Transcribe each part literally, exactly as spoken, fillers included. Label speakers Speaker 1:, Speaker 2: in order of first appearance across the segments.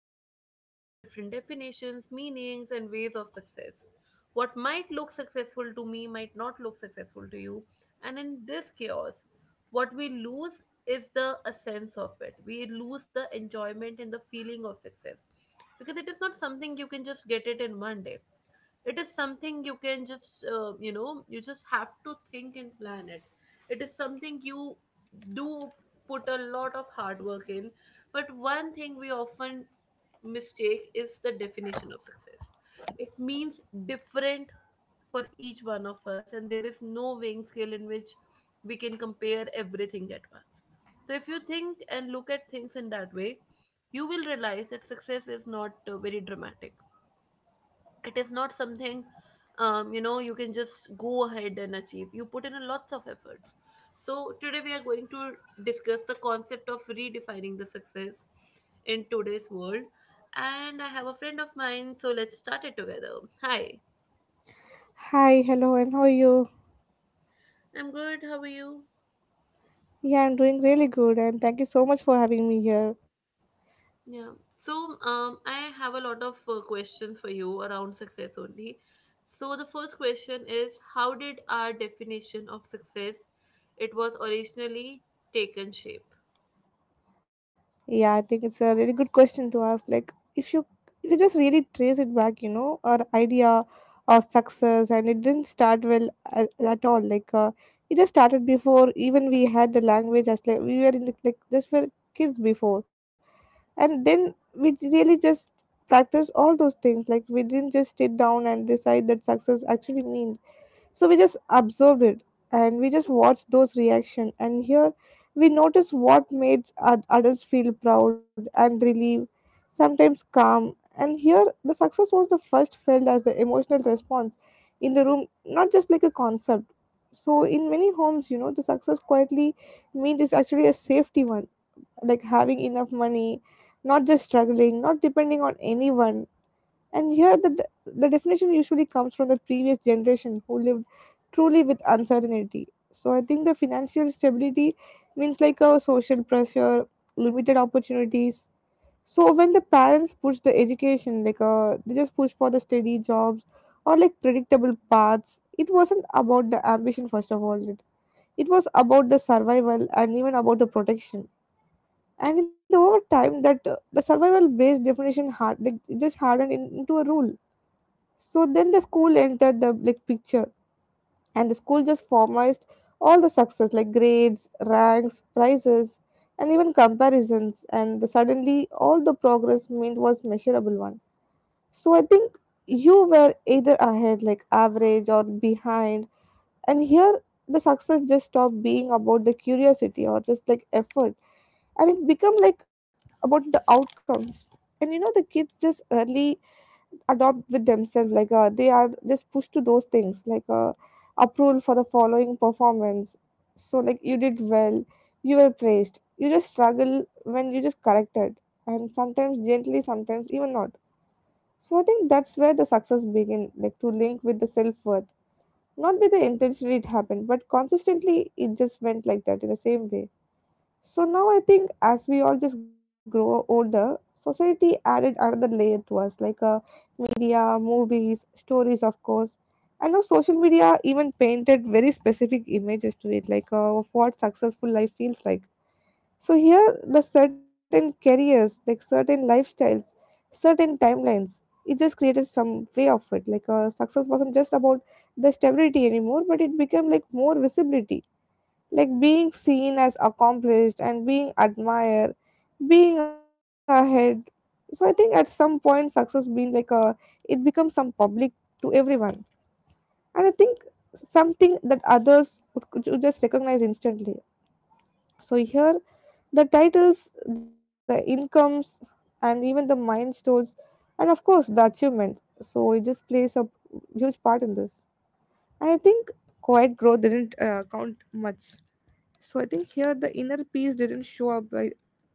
Speaker 1: us. We have different definitions, meanings, and ways of success. What might look successful to me might not look successful to you. And in this chaos, what we lose is the essence of it. We lose the enjoyment and the feeling of success, because it is not something you can just get it in one day. It is something you can just uh, you know you just have to think and plan it. It is something you do, put a lot of hard work in. But one thing we often mistake is the definition of success. It means different for each one of us, and there is no weighing scale in which we can compare everything at once. So if you think and look at things in that way, you will realize that success is not uh, very dramatic. It is not something um, you know you can just go ahead and achieve. You put in a lots of efforts. So today we are going to discuss the concept of redefining the success in today's world, and I have a friend of mine, so let's start it together. Hi.
Speaker 2: Hi, hello, and how are you?
Speaker 1: I'm good, how are you?
Speaker 2: Yeah, I'm doing really good, and thank you so much for having me here.
Speaker 1: Yeah, so um, I have a lot of uh, questions for you around success only. So the first question is, how did our definition of success, it was originally taken shape?
Speaker 2: Yeah, I think it's a really good question to ask. Like, if you if you just really trace it back, you know, our idea of success, and it didn't start well at, at all. Like, uh, it just started before even we had the language. As like we were in the, like just were kids before, and then we j- really just practice all those things. Like, we didn't just sit down and decide that success actually means so we just observed it, and we just watched those reaction, and here we notice what made ad- adults feel proud and relieved, sometimes calm, and here the success was the first felt as the emotional response in the room, not just like a concept. So in many homes, you know, the success quietly mean is actually a safety one, like having enough money, not just struggling, not depending on anyone. And here, the, de- the definition usually comes from the previous generation who lived truly with uncertainty. So, I think the financial stability means like a social pressure, limited opportunities. So, when the parents push the education, like uh, they just push for the steady jobs or like predictable paths, it wasn't about the ambition, first of all. It, it was about the survival and even about the protection, and in the over time that uh, the survival based definition hard, like it just hardened in, into a rule. So then the school entered the like picture, and the school just formalized all the success, like grades, ranks, prizes, and even comparisons. And the- suddenly, all the progress meant was measurable one. So I think you were either ahead, like average, or behind. And here, the success just stopped being about the curiosity or just like effort, and it become like about the outcomes. And you know, the kids just early adopt with themselves, like uh, they are just pushed to those things like uh, approval for the following performance. So like you did well, you were praised, you just struggle when you just corrected, and sometimes gently, sometimes even not. So I think that's where the success begin, like to link with the self-worth, not with the intentionally it happened, but consistently it just went like that in the same way. So now I think as we all just grow older, society added another layer to us, like uh, media, movies, stories, of course. I know social media even painted very specific images to it, like uh, of what successful life feels like. So here, the certain careers, like certain lifestyles, certain timelines, it just created some way of it. Like uh, success wasn't just about the stability anymore, but it became like more visibility, like being seen as accomplished and being admired, being ahead. So I think at some point success being like a, it becomes some public to everyone. And I think something that others would, could just recognize instantly. So here, the titles, the incomes, and even the milestones, and of course the achievements, so it just plays a huge part in this. And I think quiet growth didn't uh, count much. So I think here the inner peace didn't show up by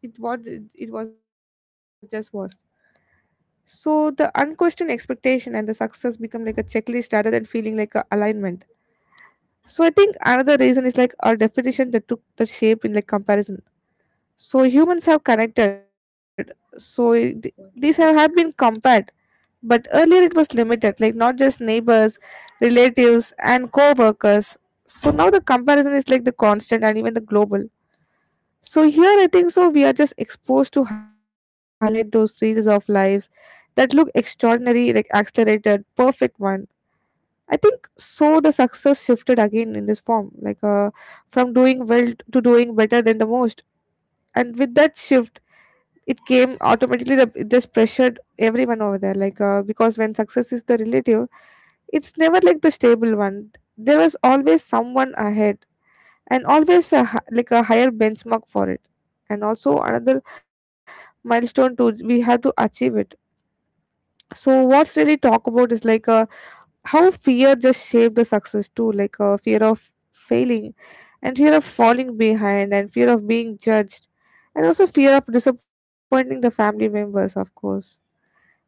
Speaker 2: it what it, it was just was. So the unquestioned expectation and the success become like a checklist rather than feeling like a alignment. So I think another reason is like our definition that took the shape in like comparison. So humans have connected. So it- these have, have been compared, but earlier it was limited, like not just neighbors, relatives, and co-workers. So now the comparison is like the constant and even the global. So here I think so we are just exposed to highlight those reels of lives that look extraordinary, like accelerated, perfect one. I think so the success shifted again in this form, like uh, from doing well to doing better than the most. And with that shift, it came automatically the, it just pressured everyone over there, like uh, because when success is the relative, it's never like the stable one. There was always someone ahead and always a, hi- like a higher benchmark for it, and also another milestone to we have to achieve it. So what's really talk about is like uh, how fear just shaped the success too, like uh, fear of failing, and fear of falling behind, and fear of being judged, and also fear of disappointing the family members, of course.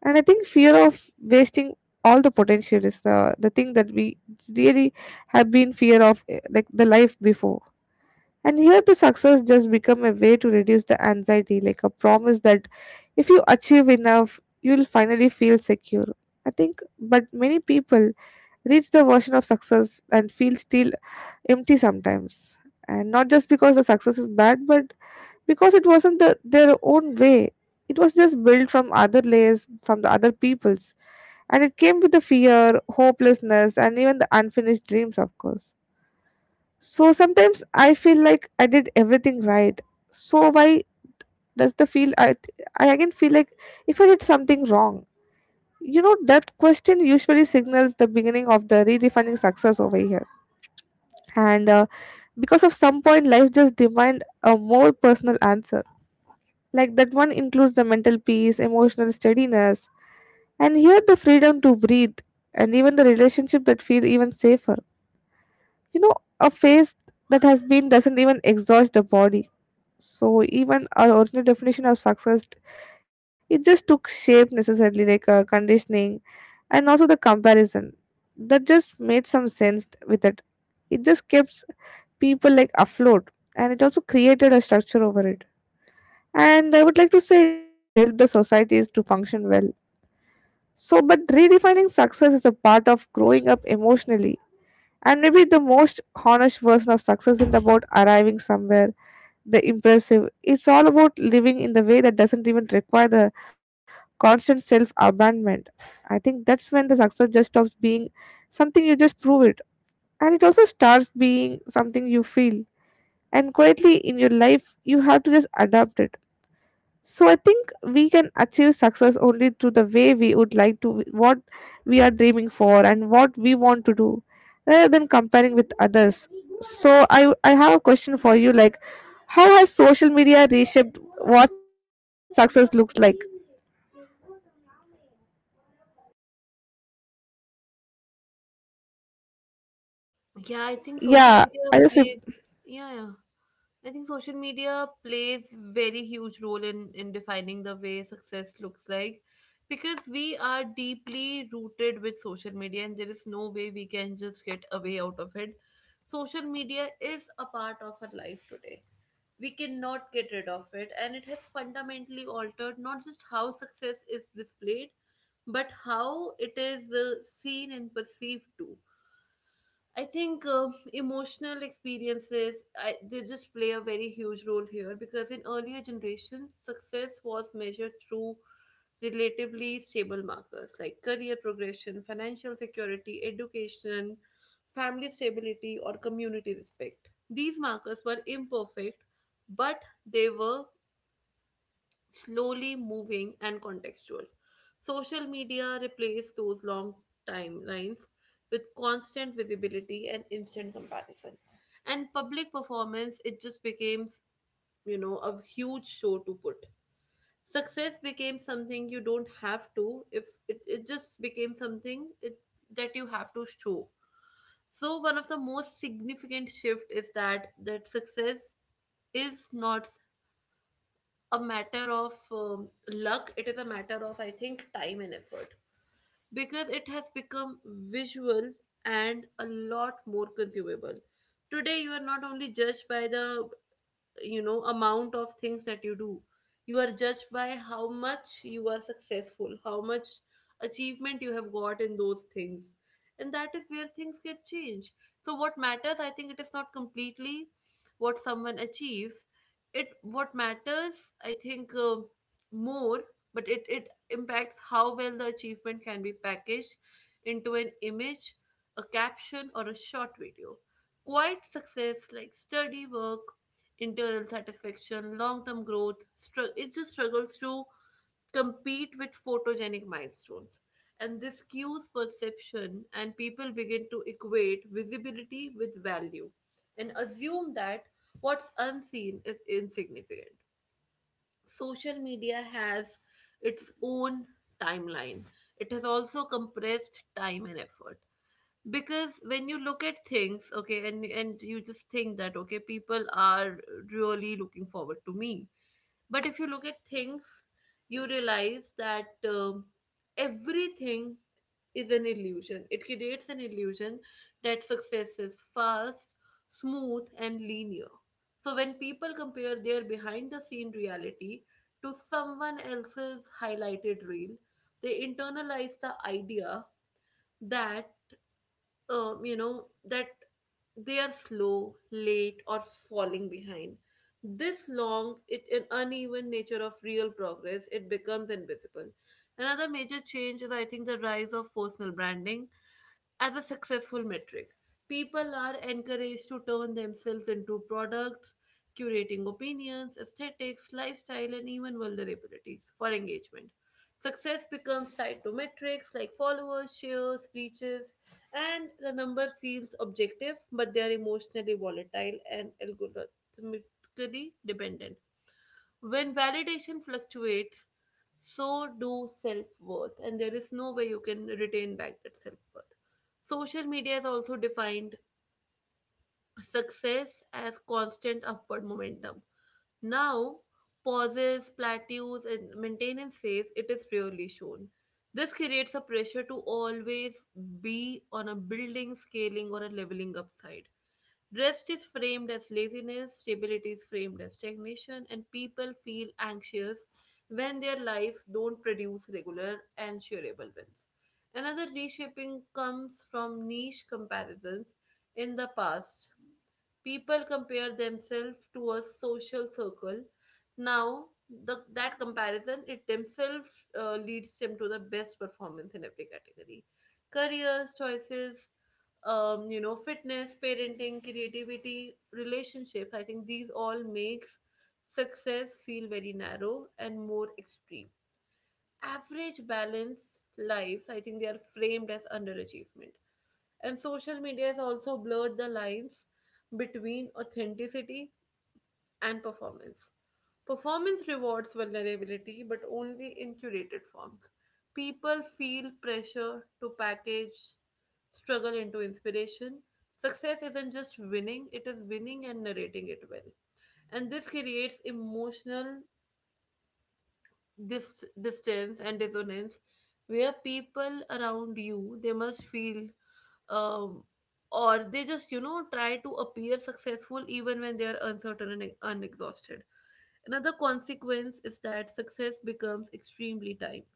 Speaker 2: And I think fear of wasting all the potential is the the thing that we really have been fear of eh, like the life before. And here the success just become a way to reduce the anxiety, like a promise that if you achieve enough, you'll finally feel secure. I think but many people reach the version of success and feel still empty sometimes. And not just because the success is bad, but because it wasn't the, their own way. It was just built from other layers, from the other people's. And it came with the fear, hopelessness, and even the unfinished dreams, of course. So sometimes I feel like I did everything right. So why does the feel I th- I again feel like if I did something wrong? You know that question usually signals the beginning of the redefining success over here. And uh, because of some point life just demand a more personal answer. Like that one includes the mental peace, emotional steadiness, and here the freedom to breathe, and even the relationship that feel even safer. You know, a phase that has been doesn't even exhaust the body. So even our original definition of success, it just took shape necessarily, like uh, conditioning and also the comparison that just made some sense with it. It just kept people like afloat, and it also created a structure over it. And I would like to say it also helped the societies to function well. So but redefining success is a part of growing up emotionally, and maybe the most honest version of success isn't about arriving somewhere the impressive. It's all about living in the way that doesn't even require the constant self abandonment. I think that's when the success just stops being something you just prove it, and it also starts being something you feel. And quietly in your life, you have to just adapt it. So I think we can achieve success only through the way we would like to, what we are dreaming for, and what we want to do, rather than comparing with others. So I I have a question for you, like, how has social media reshaped what success looks like?
Speaker 1: Yeah, I think social
Speaker 2: Yeah,
Speaker 1: media
Speaker 2: I just rep-
Speaker 1: plays, yeah, yeah. I think social media plays very huge role in in defining the way success looks like, because we are deeply rooted with social media and there is no way we can just get away out of it. Social media is a part of our life today. We cannot get rid of it, and it has fundamentally altered not just how success is displayed, but how it is uh, seen and perceived too. I think uh, emotional experiences I, they just play a very huge role here, because in earlier generations, success was measured through relatively stable markers like career progression, financial security, education, family stability, or community respect. These markers were imperfect, but they were slowly moving and contextual. Social media replaced those long timelines with constant visibility and instant comparison. And public performance, it just became, you know, a huge show to put. Success became something you don't have to, if it, it just became something it, that you have to show. So one of the most significant shift is that that success is not a matter of um, luck. It is a matter of, I think, time and effort, because it has become visual and a lot more consumable. Today you are not only judged by the, you know, amount of things that you do. You are judged by how much you are successful, how much achievement you have got in those things, and that is where things get changed. So what matters, I think, it is not completely what someone achieves. It, what matters, I think, uh, more, but it it impacts how well the achievement can be packaged into an image, a caption, or a short video. Quiet success like study work, internal satisfaction, long term growth. Str- it just struggles to compete with photogenic milestones. And this skews perception, and people begin to equate visibility with value and assume that what's unseen is insignificant. Social media has its own timeline. It has also compressed time and effort, because when you look at things, okay, and and you just think that okay, people are really looking forward to me. But if you look at things, you realize that um, everything is an illusion. It creates an illusion that success is fast, smooth, and linear. So when people compare their behind the scene reality to someone else's highlighted reel, they internalize the idea that um, you know, that they are slow, late, or falling behind. This long, it, an uneven nature of real progress, it becomes invisible. Another major change is, I think, the rise of personal branding as a successful metric. People are encouraged to turn themselves into products, curating opinions, aesthetics, lifestyle, and even vulnerabilities for engagement. Success becomes tied to metrics like followers, shares, reaches, and the number feels objective, but they are emotionally volatile and algorithmically dependent. When validation fluctuates, so do self worth, and there is no way you can retain back that self worth. Social media has also defined success as constant upward momentum. Now, pauses, plateaus, and maintenance phase, it is rarely shown. This creates a pressure to always be on a building, scaling, or a leveling upside. Rest is framed as laziness, stability is framed as stagnation, and people feel anxious when their lives don't produce regular and shareable wins. Another reshaping comes from niche comparisons in the past. People compare themselves to a social circle. Now, the, that comparison it themselves uh, leads them to the best performance in every category. Careers, choices, um, you know, fitness, parenting, creativity, relationships. I think these all makes success feel very narrow and more extreme. Average balanced lives, I think they are framed as underachievement. And social media has also blurred the lines between authenticity and performance. Performance rewards vulnerability, but only in curated forms. People feel pressure to package struggle into inspiration. Success isn't just winning, it is winning and narrating it well. And this creates emotional, this distance and dissonance, where people around you they must feel um or they just, you know, try to appear successful even when they are uncertain and unexhausted. Another consequence is that success becomes extremely timed.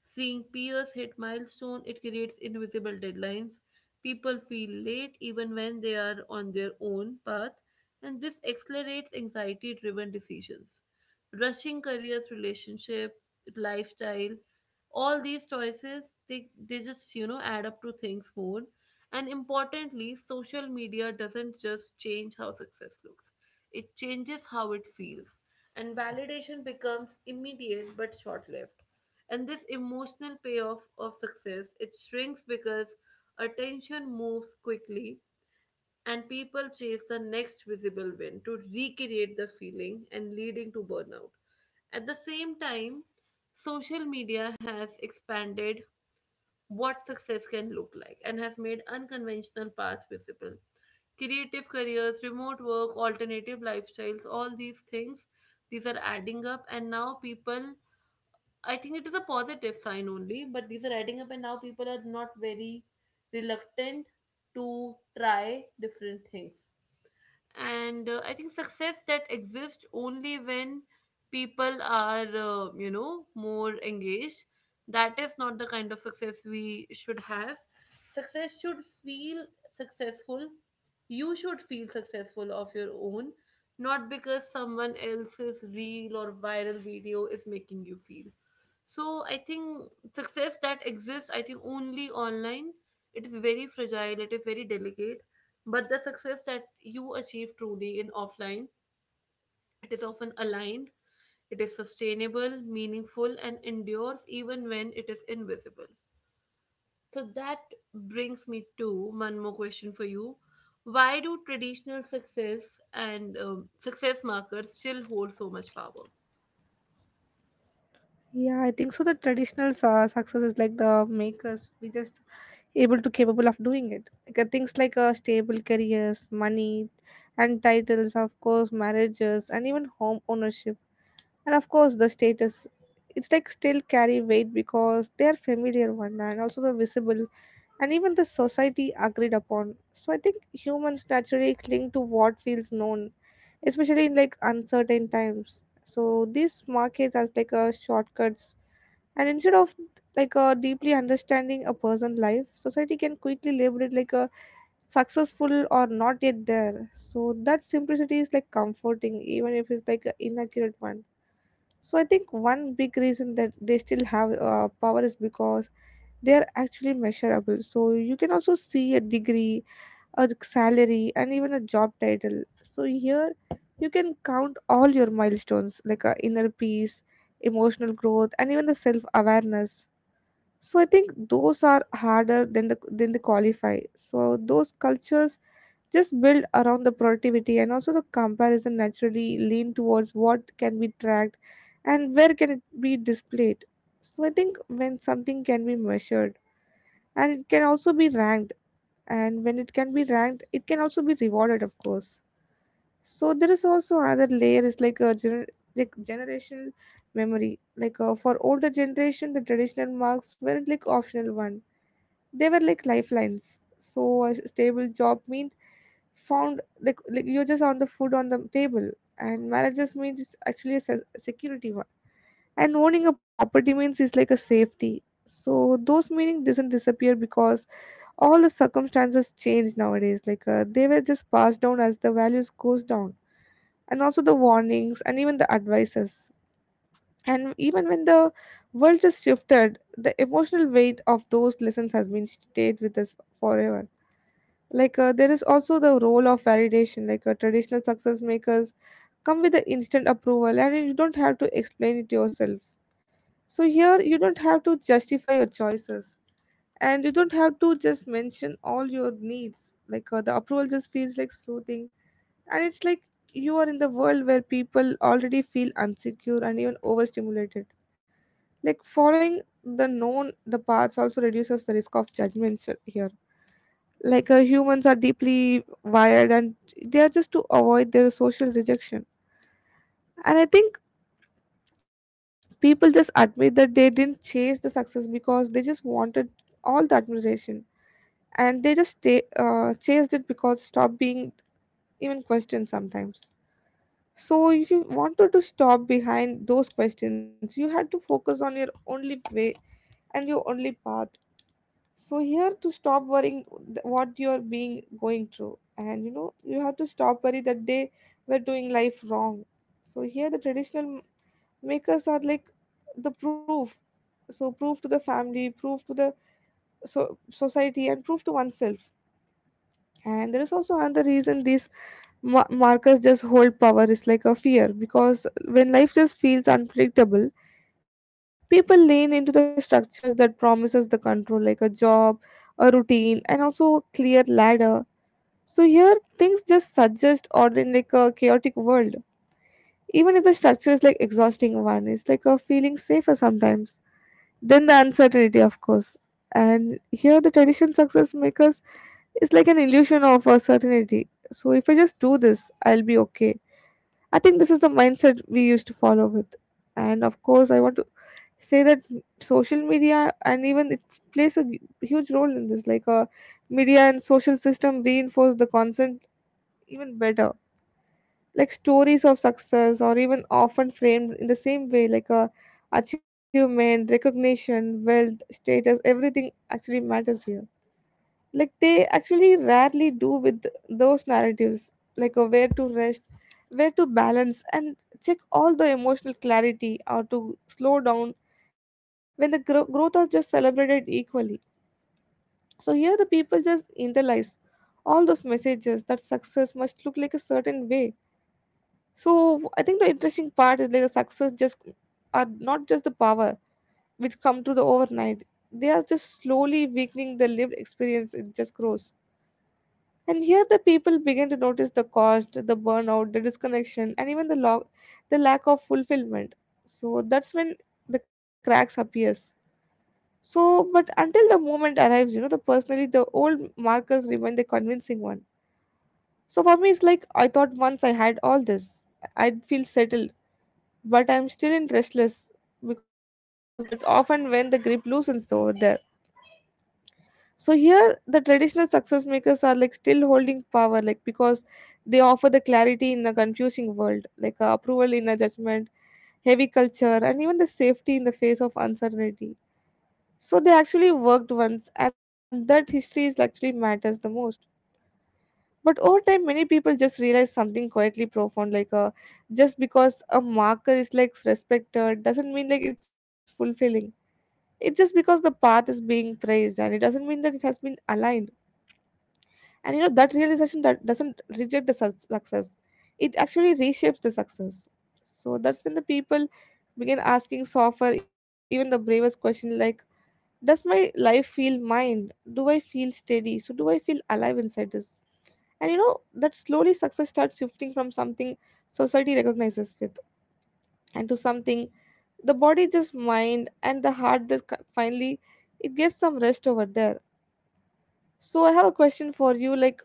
Speaker 1: Seeing peers hit milestone, it creates invisible deadlines. People feel late even when they are on their own path, and this accelerates anxiety driven decisions. Rushing careers, relationship, lifestyle, all these choices, they, they just, you know, add up to things more. And importantly, social media doesn't just change how success looks. It changes how it feels. And validation becomes immediate but short-lived. And this emotional payoff of success, it shrinks because attention moves quickly and people chase the next visible win to recreate the feeling and leading to burnout. At the same time, social media has expanded what success can look like and has made unconventional paths visible. Creative careers, remote work, alternative lifestyles, all these things, these are adding up, and now people, I think it is a positive sign only, but these are adding up, and now people are not very reluctant to try different things. And uh, I think success that exists only when people are uh, you know more engaged, that is not the kind of success we should have. Success should feel successful. You should feel successful of your own, not because someone else's reel or viral video is making you feel. So I think success that exists, I think, only online, it is very fragile, it is very delicate. But the success that you achieve truly in offline, it is often aligned, it is sustainable, meaningful, and endures even when it is invisible. So that brings me to one more question for you. Why do traditional success and um, success markers still hold so much power?
Speaker 2: yeah I think so. The traditional uh, success is like the makers we just able to capable of doing it. Like uh, things like uh, stable careers, money, and titles, of course, marriages, and even home ownership, and of course the status. It's like still carry weight because they are familiar one, and also the visible, and even the society agreed upon. So I think humans naturally cling to what feels known, especially in like uncertain times. So these markets as like a shortcuts, and instead of like a deeply understanding a person's life, society can quickly label it like a successful or not yet there. So that simplicity is like comforting, even if it's like an inaccurate one. So I think one big reason that they still have uh, power is because they are actually measurable. So you can also see a degree, a salary, and even a job title. So here you can count all your milestones, like uh, inner peace, emotional growth, and even the self awareness. So I think those are harder than the than they qualify. So those cultures just build around the productivity, and also the comparison naturally lean towards what can be tracked and where can it be displayed. So I think when something can be measured, and it can also be ranked, and when it can be ranked, it can also be rewarded, of course. So there is also another layer is like a gener- like generational memory, like uh, for older generation the traditional marks weren't like optional one, they were like lifelines. So a stable job meant found, like, like you just on the food on the table. And marriages means it's actually a se- security one, and owning a property means it's like a safety. So those meaning doesn't disappear because all the circumstances change nowadays, like uh, they were just passed down as the values goes down, and also the warnings, and even the advices. And even when the world just shifted, the emotional weight of those lessons has been stayed with us forever. Like uh, there is also the role of validation. Like uh, traditional success makers come with the instant approval, and you don't have to explain it yourself. So here you don't have to justify your choices, and you don't have to just mention all your needs. Like uh, the approval just feels like soothing, and it's like you are in the world where people already feel insecure and even overstimulated. Like following the known the paths also reduces the risk of judgments here like uh, humans are deeply wired and they are just to avoid their social rejection, and I think people just admit that they didn't chase the success because they just wanted all the admiration, and they just stay, uh, chased it because stop being even questioned sometimes. So if you wanted to stop behind those questions you had to focus on your only way and your only path. So here to stop worrying th- what you're being going through, and you know you have to stop worry that they were doing life wrong. So here the traditional m- makers are like the proof. So proof to the family, proof to the so- society, and proof to oneself. And there is also another reason these ma- markers just hold power is like a fear, because when life just feels unpredictable people lean into the structures that promises the control, like a job, a routine, and also a clear ladder. So here things just suggest order in like a chaotic world. Even if the structure is like exhausting one, it's like a feeling safer sometimes than the uncertainty of course. And here the tradition success makers is like an illusion of a certainty. So if I just do this I'll be okay. I think this is the mindset we used to follow with. And of course I want to say that social media and even it plays a hu- huge role in this. Like uh, media and social system reinforce the concept even better. Like stories of success or even often framed in the same way, like uh, achievement, recognition, wealth, status, everything actually matters here. Like they actually rarely do with those narratives, like a where to rest, where to balance, and check all the emotional clarity or to slow down when the gro- growth are just celebrated equally. So here the people just internalize all those messages that success must look like a certain way. So I think the interesting part is like the success just are not just the power which come to the overnight. They are just slowly weakening the lived experience it just grows. And here the people begin to notice the cost, the burnout, the disconnection, and even the log- the lack of fulfillment. So that's when the cracks appears. So, but until the moment arrives, you know, the personally the old markers remain the convincing one. So for me, it's like I thought once I had all this, I'd feel settled, but I'm still in restless because that's often when the grip loosens over there. So here the traditional success makers are like still holding power like because they offer the clarity in a confusing world, like uh, approval in a judgment heavy culture, and even the safety in the face of uncertainty. So they actually worked once and that history is actually matters the most. But over time many people just realize something quietly profound, like uh, just because a marker is like respected doesn't mean like it's fulfilling. It's just because the path is being praised and it doesn't mean that it has been aligned. And you know, that realization that doesn't reject the sus- success, it actually reshapes the success. So that's when the people begin asking softer, even the bravest question like, does my life feel mine? Do I feel steady? So do I feel alive inside this? And you know, that slowly success starts shifting from something society recognizes with and to something the body just mind and the heart just ki- finally it gets some rest over there. So I have a question for you like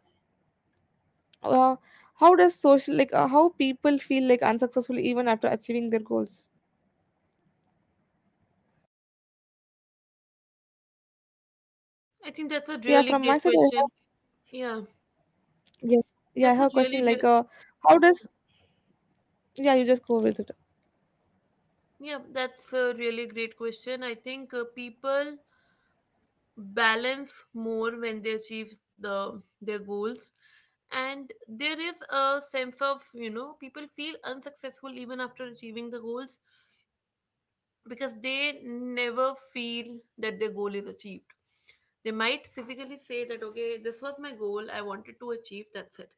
Speaker 2: uh, how does social like uh, how people feel like unsuccessful even after achieving their goals?
Speaker 1: I think that's a
Speaker 2: Yeah, from
Speaker 1: really
Speaker 2: my
Speaker 1: great
Speaker 2: side I have,
Speaker 1: question. Yeah,
Speaker 2: yeah, yeah i have
Speaker 1: that's
Speaker 2: a
Speaker 1: a
Speaker 2: question
Speaker 1: really,
Speaker 2: like
Speaker 1: real
Speaker 2: uh, how does, yeah you just go with it.
Speaker 1: yeah, that's a really great question. I think uh, people balance more when they achieve the their goals, and there is a sense of, you know, people feel unsuccessful even after achieving the goals, because they never feel that their goal is achieved. They might physically say that okay, this was my goal, I wanted to achieve, that's it.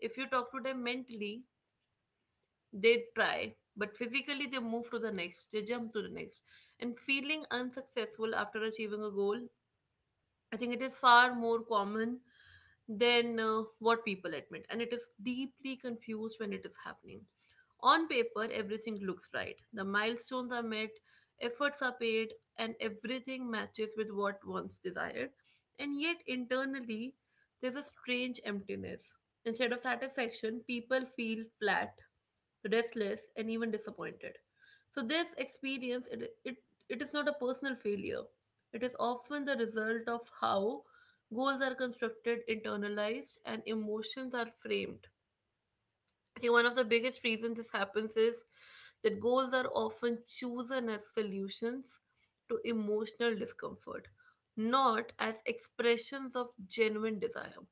Speaker 1: If you talk to them mentally, they try, but physically they move to the next, they jump to the next. And feeling unsuccessful after achieving a goal, I think it is far more common than uh, what people admit, and it is deeply confused when it is happening. On paper, everything looks right. The milestones are met, efforts are paid, and everything matches with what once desired. And yet, internally, there's a strange emptiness. Instead of satisfaction, people feel flat, restless, and even disappointed. So this experience it, it, it is not a personal failure. It is often the result of how goals are constructed, internalized, and emotions are framed. I think one of the biggest reasons this happens is that goals are often chosen as solutions to emotional discomfort, not as expressions of genuine desire.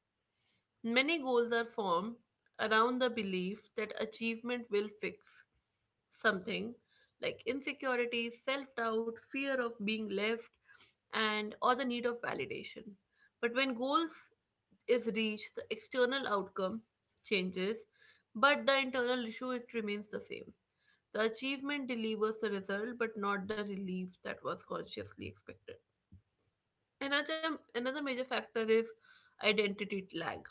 Speaker 1: Many goals are formed around the belief that achievement will fix something like insecurity, self doubt, fear of being left, and or the need of validation. But when goals is reached, the external outcome changes, but the internal issue it remains the same. The achievement delivers the result, but not the relief that was consciously expected. Another another major factor is identity lag.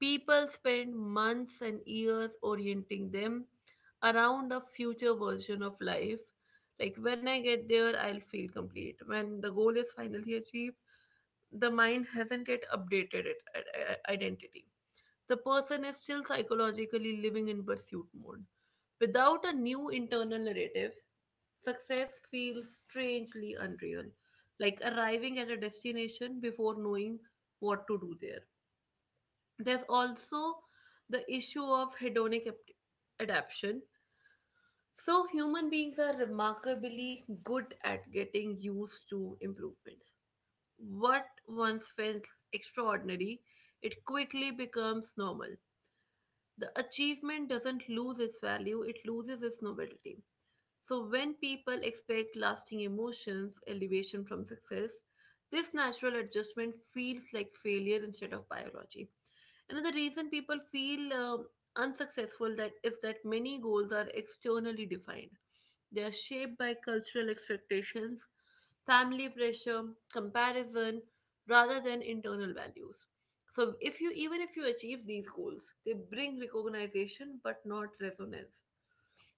Speaker 1: People spend months and years orienting them around a future version of life. Like, when I get there, I'll feel complete. When the goal is finally achieved, the mind hasn't yet updated its identity. The person is still psychologically living in pursuit mode. Without a new internal narrative, success feels strangely unreal, like arriving at a destination before knowing what to do there. There's also the issue of hedonic ap- adaptation. So, human beings are remarkably good at getting used to improvements. What once felt extraordinary, it quickly becomes normal. The achievement doesn't lose its value, it loses its novelty. So, when people expect lasting emotions, elevation from success, this natural adjustment feels like failure instead of biology. Another reason people feel um unsuccessful that is that many goals are externally defined. They are shaped by cultural expectations, family pressure, comparison, rather than internal values. So, if you even if you achieve these goals, they bring recognition but not resonance,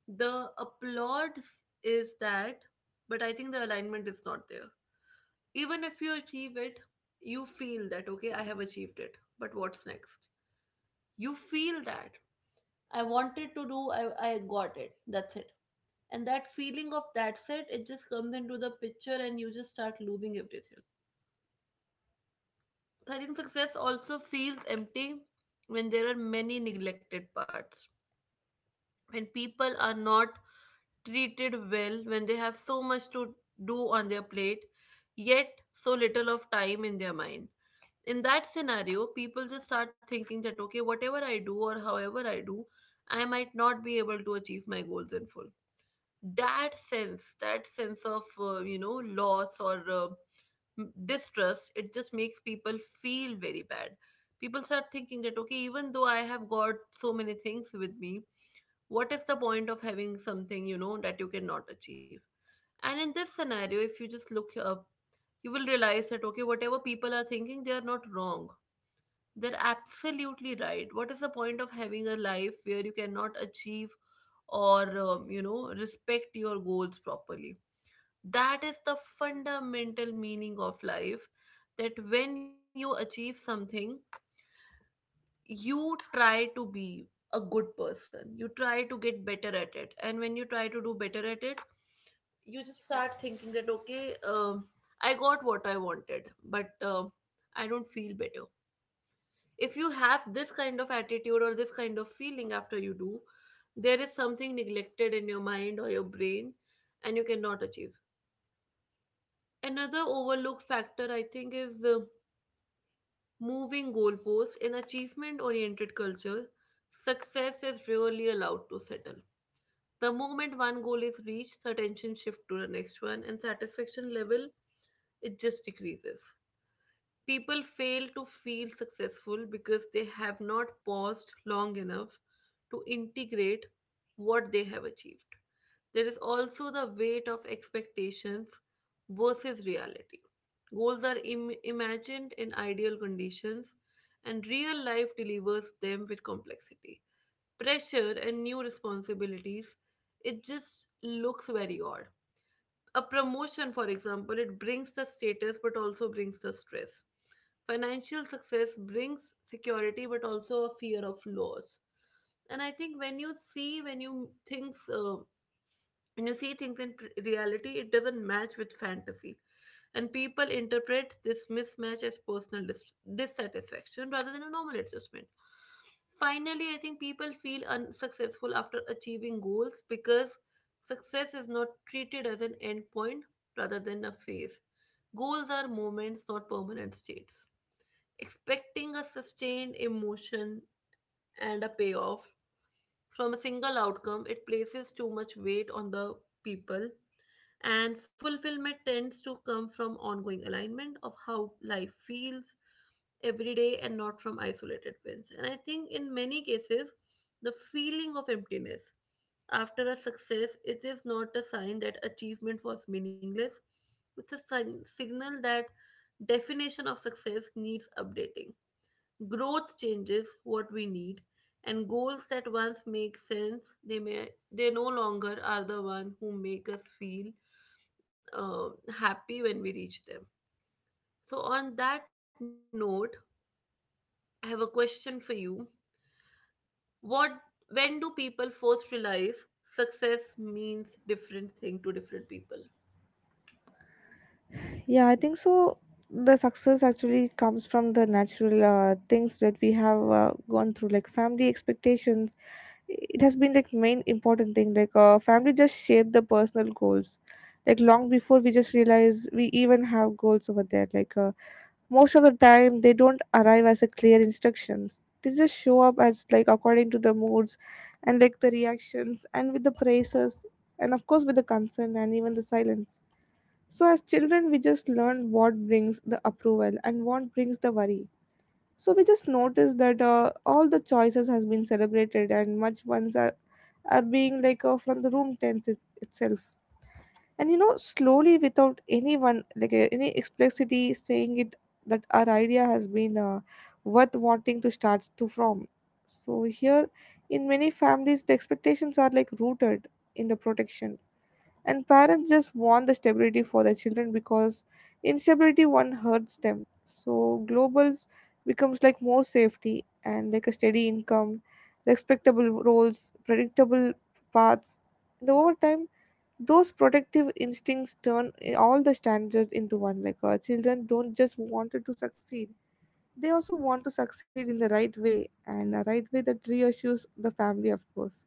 Speaker 1: the applauds is that, but I think the alignment is not there. Even if you achieve it, you feel that, okay, I have achieved it, but what's next? You feel that I wanted to do, I, I got it, that's it. And that feeling of that's it, it just comes into the picture and you just start losing everything. So I think success also feels empty when there are many neglected parts. When people are not treated well, when they have so much to do on their plate yet so little of time in their mind, in that scenario people just start thinking that okay, whatever I do or however I do, I might not be able to achieve my goals in full. That sense that sense of uh, you know, loss or uh, m- distrust, it just makes people feel very bad. People start thinking that okay, even though I have got so many things with me, what is the point of having something, you know, that you cannot achieve? And in this scenario, if you just look up, you will realize that okay, whatever people are thinking, they are not wrong, they're absolutely right. What is the point of having a life where you cannot achieve or um, you know, respect your goals properly? That is the fundamental meaning of life, that when you achieve something, you try to be a good person, you try to get better at it. And when you try to do better at it, you just start thinking that okay, um, I got what I wanted, but um I don't feel better. If you have this kind of attitude or this kind of feeling after you do, there is something neglected in your mind or your brain, and you cannot achieve. Another overlooked factor I think is, uh, moving goalposts. In achievement oriented cultures, success is rarely allowed to settle. The moment one goal is reached, the attention shifts to the next one, and satisfaction level, it just decreases. People fail to feel successful because they have not paused long enough to integrate what they have achieved. There is also the weight of expectations versus reality. Goals are Im- imagined in ideal conditions, and real life delivers them with complexity. Pressure and new responsibilities, it just looks very odd. A promotion, for example, it brings the status but also brings the stress. Financial success brings security, but also a fear of loss. And I think when you see, when you things, uh, when you see things in pr- reality, it doesn't match with fantasy, and people interpret this mismatch as personal dis- dissatisfaction rather than a normal adjustment. Finally, I think people feel unsuccessful after achieving goals because success is not treated as an endpoint rather than a phase. Goals are moments, not permanent states. Expecting a sustained emotion and a payoff from a single outcome, it places too much weight on the people, and fulfillment tends to come from ongoing alignment of how life feels every day and not from isolated wins. And I think in many cases, the feeling of emptiness after a success, it is not a sign that achievement was meaningless, it's a sign, signal that definition of success needs updating. Growth changes what we need, and goals that once make sense, they may they no longer are the one who make us feel uh, happy when we reach them. So on that note, I have a question for you. What When do people first realize success means different thing to different people?
Speaker 2: Yeah, I think so. The success actually comes from the natural uh, things that we have uh, gone through like family expectations. It has been like main important thing, like uh, family just shape the personal goals like long before we just realize we even have goals over there. Like uh, most of the time they don't arrive as a clear instructions, they just show up as like according to the moods, and like the reactions, and with the praises, and of course with the concern and even the silence. So as children we just learn what brings the approval and what brings the worry. So we just notice that uh, all the choices has been celebrated, and much ones are are being like uh, from the room tense it- itself. And you know slowly without anyone like uh, any explicitly saying it, that our idea has been uh, worth wanting to start to from. So here in many families the expectations are like rooted in the protection, and parents just want the stability for their children because instability one hurts them. So globals becomes like more safety, and like a steady income, respectable roles, predictable paths. And over time those protective instincts turn eh, all the standards into one, like our children don't just want to succeed, they also want to succeed in the right way, and a right way that reassures the family of course.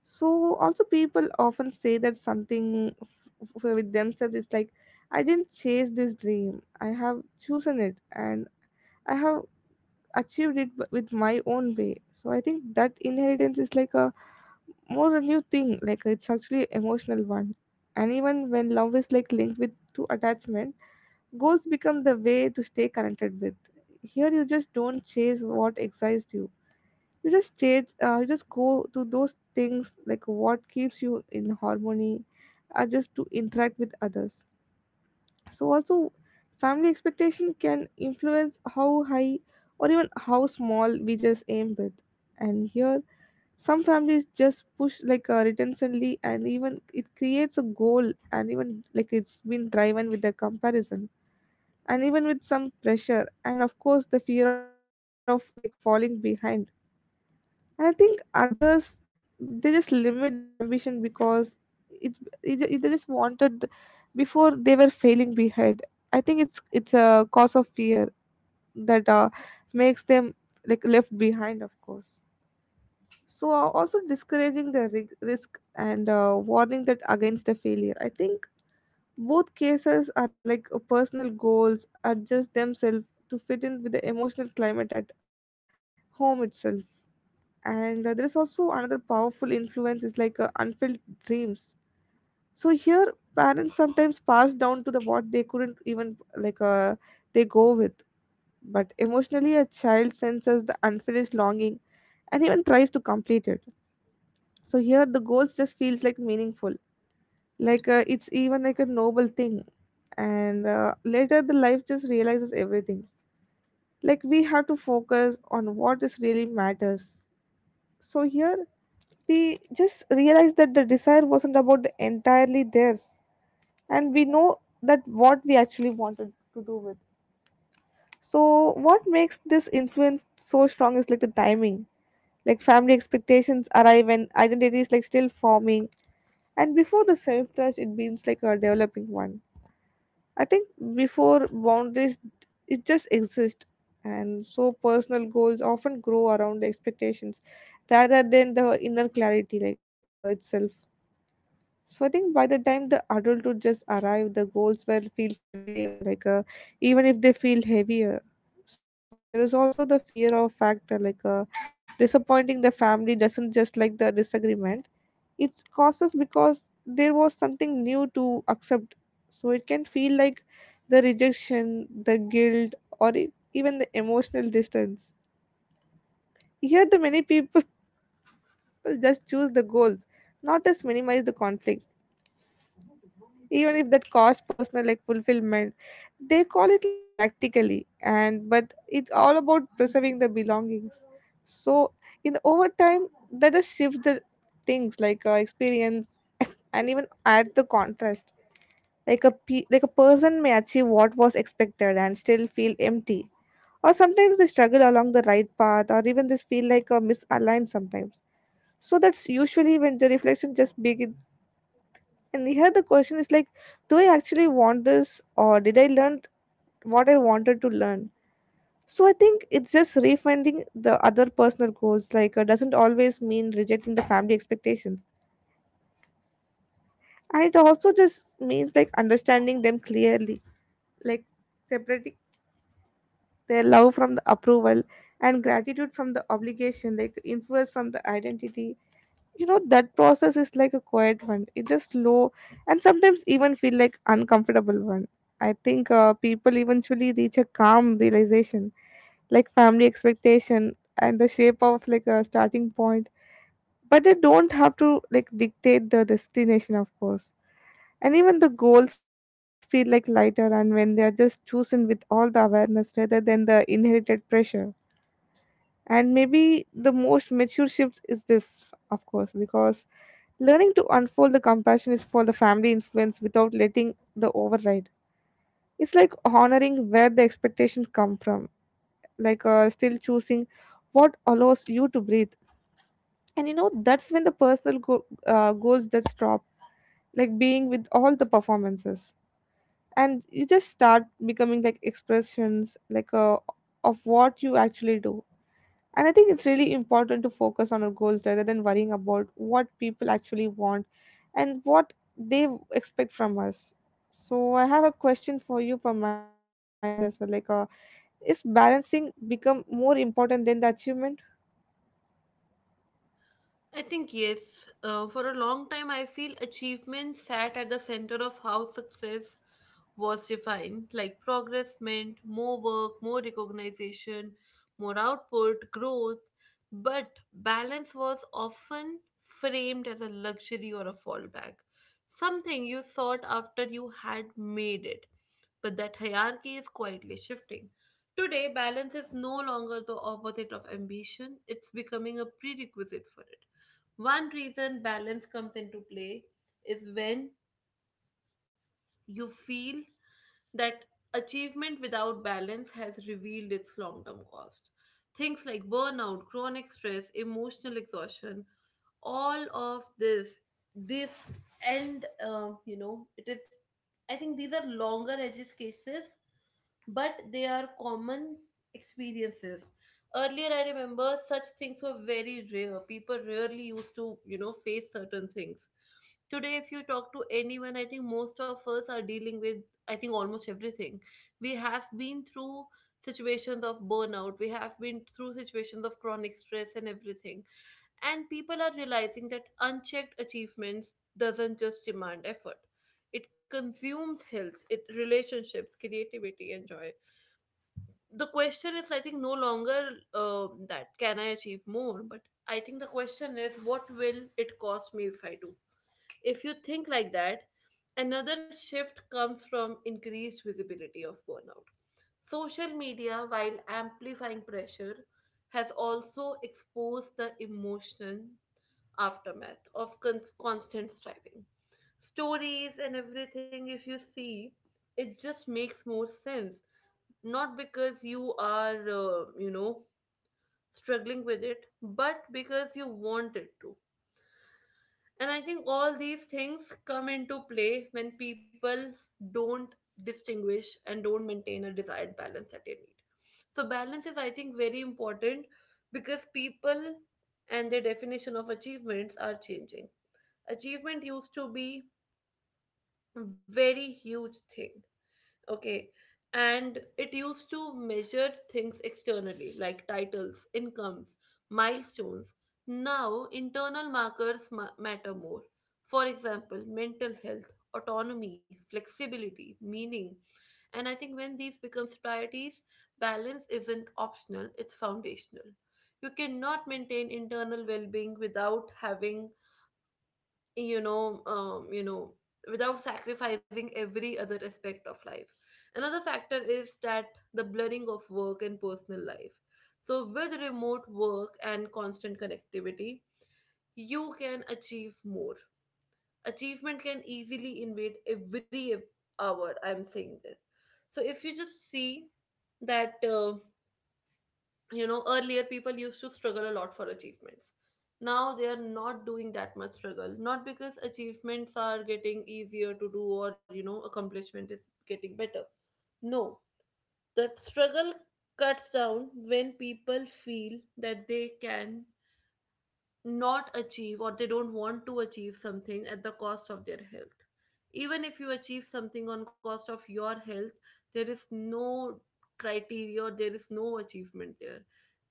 Speaker 2: So also people often say that something f- f- with themselves is like I didn't chase this dream, I have chosen it, and I have achieved it b- with my own way. So I think that inheritance is like a more a new thing, like it's actually emotional one. And even when love is like linked with to attachment, goals become the way to stay connected with. Here you just don't chase what excites you, you just chase uh, you just go to those things like what keeps you in harmony, are just to interact with others. So also family expectation can influence how high or even how small we just aim with. And here some families just push like uh, retentionly, and even it creates a goal, and even like it's been driven with the comparison, and even with some pressure, and of course the fear of like falling behind. And I think others, they just limit their ambition because it, it it- they just wanted before they were failing behind. I think it's it's a cause of fear that uh, makes them like left behind of course. So uh, also discouraging the rig- risk and uh, warning that against a failure, I think both cases are like uh, personal goals adjust themselves to fit in with the emotional climate at home itself. And uh, there is also another powerful influence is like uh, unfilled dreams. So here parents sometimes pass down to the what they couldn't even like uh, they go with, but emotionally a child senses the unfinished longing and even tries to complete it. So here the goals just feels like meaningful, like uh, it's even like a noble thing. And uh, later the life just realizes everything. Like we have to focus on what is really matters. So here we just realize that the desire wasn't about entirely theirs, and we know that what we actually wanted to do with. So what makes this influence so strong is like the timing. Like family expectations arrive when identity is like still forming, and before the self-trust it means like a developing one. I think before boundaries it just exists, and so personal goals often grow around the expectations rather than the inner clarity like uh, itself. So I think by the time the adulthood just arrive the goals will feel familiar one, like uh, even if they feel heavier. So there is also the fear of factor like uh, disappointing the family doesn't just like the disagreement it causes because there was something new to accept. So it can feel like the rejection, the guilt, or e- even the emotional distance. Here, the many people just choose the goals, not just minimize the conflict. Even if that cost personal like fulfillment, they call it like practically, and but it's all about preserving the belongings. So in the overtime, that just shifts the things like uh, experience and even add the contrast like a pe- like a person may achieve what was expected and still feel empty, or sometimes they struggle along the right path or even just feel like a misaligned sometimes. So that's usually when the reflection just begins, and here the question is like, do I actually want this or did I learn what I wanted to learn. So I think it's just refinding the other personal goals. Like uh, doesn't always mean rejecting the family expectations, and it also just means like understanding them clearly, like separating their love from the approval, and gratitude from the obligation, like influence from the identity. You know, that process is like a quiet one, it's just slow, and sometimes even feel like uncomfortable one. I think uh, people eventually reach a calm realization, like family expectation and the shape of like a starting point, but they don't have to like dictate the destination, of course. And even the goals feel like lighter and when they are just chosen with all the awareness rather than the inherited pressure. And maybe the most mature shift is this, of course, because learning to unfold the compassion is for the family influence without letting the override. It's like honoring where the expectations come from, like uh, still choosing what allows you to breathe. And you know, that's when the personal go- uh, goals that stop, like being with all the performances. And you just start becoming like expressions, like uh, of what you actually do. And I think it's really important to focus on our goals rather than worrying about what people actually want and what they w- expect from us. So I have a question for you from my end as well. Like, uh, is balancing become more important than the achievement?
Speaker 1: I think yes. Uh, for a long time, I feel achievement sat at the center of how success was defined, like progress meant more work, more recognition, more output, growth. But balance was often framed as a luxury or a fallback, something you sought after you had made it. But that hierarchy is quietly shifting. Today, balance is no longer the opposite of ambition, it's becoming a prerequisite for it. One reason balance comes into play is when you feel that achievement without balance has revealed its long term cost. Things like burnout, chronic stress, emotional exhaustion, all of this, this, and um, you know, it is, I think these are longer edges cases, but they are common experiences. Earlier, I remember such things were very rare. People rarely used to, you know, face certain things. Today, if you talk to anyone, I think most of us are dealing with, I think, almost everything. We have been through situations of burnout, we have been through situations of chronic stress and everything. And people are realizing that unchecked achievements doesn't just demand effort, it consumes health, it relationships, creativity and joy. The question is, I think, no longer, uh, that can I achieve more, but I think the question is, what will it cost me if I do? If you think like that, another shift comes from increased visibility of burnout. Social media, while amplifying pressure, has also exposed the emotion aftermath of con- constant striving. Stories and everything, if you see, it just makes more sense. Not because you are, uh, you know, struggling with it, but because you want it to. And I think all these things come into play when people don't distinguish and don't maintain a desired balance that they need. So, balance is, I think, very important because people and their definition of achievements are changing. Achievement used to be a very huge thing. Okay. And it used to measure things externally, like titles, incomes, milestones. Now, internal markers ma- matter more. For example, mental health, autonomy, flexibility, meaning. And I think when these becomes priorities, balance isn't optional, it's foundational. You cannot maintain internal well-being without having, you know um, you know, without sacrificing every other aspect of life. Another factor is that the blurring of work and personal life. So with remote work and constant connectivity, you can achieve more, achievement can easily invade every hour. I'm saying this, so if you just see that, uh, you know, earlier people used to struggle a lot for achievements. Now they are not doing that much struggle, not because achievements are getting easier to do or, you know, accomplishment is getting better. No. The struggle cuts down when people feel that they can not achieve or they don't want to achieve something at the cost of their health. Even if you achieve something on cost of your health, there is no criteria, there is no achievement there.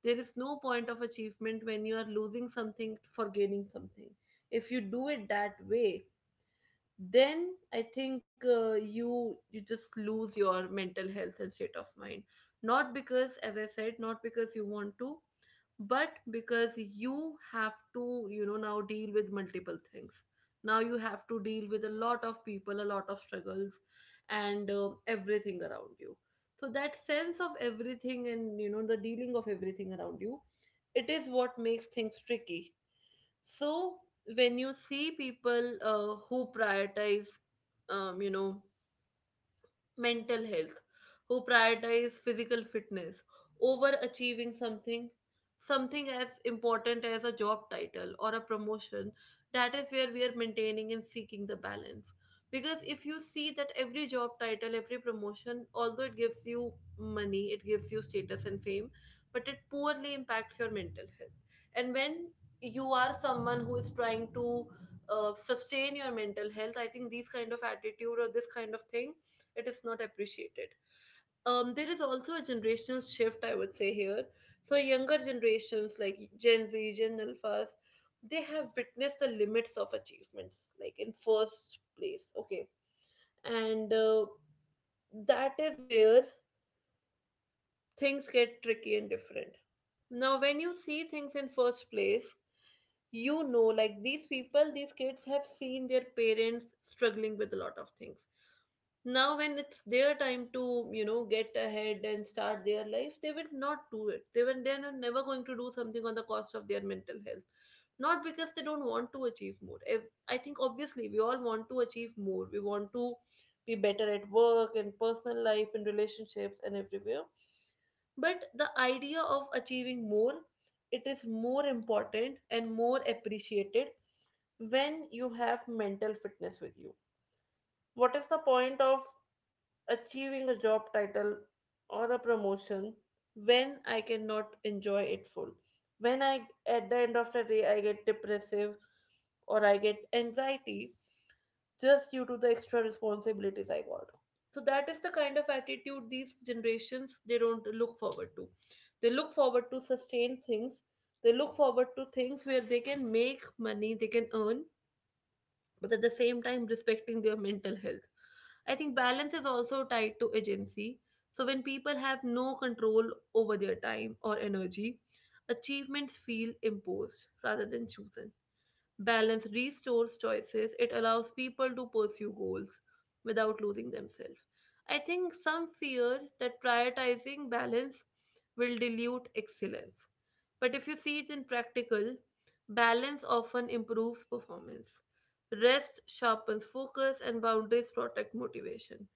Speaker 1: There is no point of achievement when you are losing something for gaining something. If you do it that way, then I think, uh, you you just lose your mental health and state of mind. Not because, as I said, not because you want to, but because you have to, you know, now deal with multiple things. Now you have to deal with a lot of people, a lot of struggles, and uh, everything around you. So that sense of everything, and you know, the dealing of everything around you, it is what makes things tricky. So when you see people, uh, who prioritize, um, you know, mental health, who prioritize physical fitness over achieving something, something as important as a job title or a promotion, that is where we are maintaining and seeking the balance. Because if you see that every job title, every promotion, although it gives you money, it gives you status and fame, but it poorly impacts your mental health. And when you are someone who is trying to uh, sustain your mental health, I think these kind of attitude or this kind of thing, it is not appreciated. Um, there is also a generational shift, I would say, here. So younger generations, like Gen Z, Gen Alphas, they have witnessed the limits of achievements, like in first place, okay. And uh, that is where things get tricky and different. Now when you see things in first place, you Know, like, these people, these kids have seen their parents struggling with a lot of things. Now when it's their time to you know get ahead and start their life, they will not do it. They will they're never going to do something on the cost of their mental health. Not because they don't want to achieve more. Ev- I think obviously we all want to achieve more. We want to be better at work and personal life and relationships and everywhere. But the idea of achieving more, it is more important and more appreciated when you have mental fitness with you. What is the point of achieving a job title or a promotion when I cannot enjoy it full? When I, at the end of the day, I get depressive or I get anxiety just due to the extra responsibilities I got. So that is the kind of attitude these generations they don't look forward to. They look forward to sustained things. They look forward to things where they can make money, they can earn, but at the same time respecting their mental health. I think balance is also tied to agency. So when people have no control over their time or energy, achievements feel imposed rather than chosen. Balance restores choices, it allows people to pursue goals without losing themselves. I think some fear that prioritizing balance will dilute excellence. But if you see it in practical, balance often improves performance. Rest sharpens focus and boundaries protect motivation.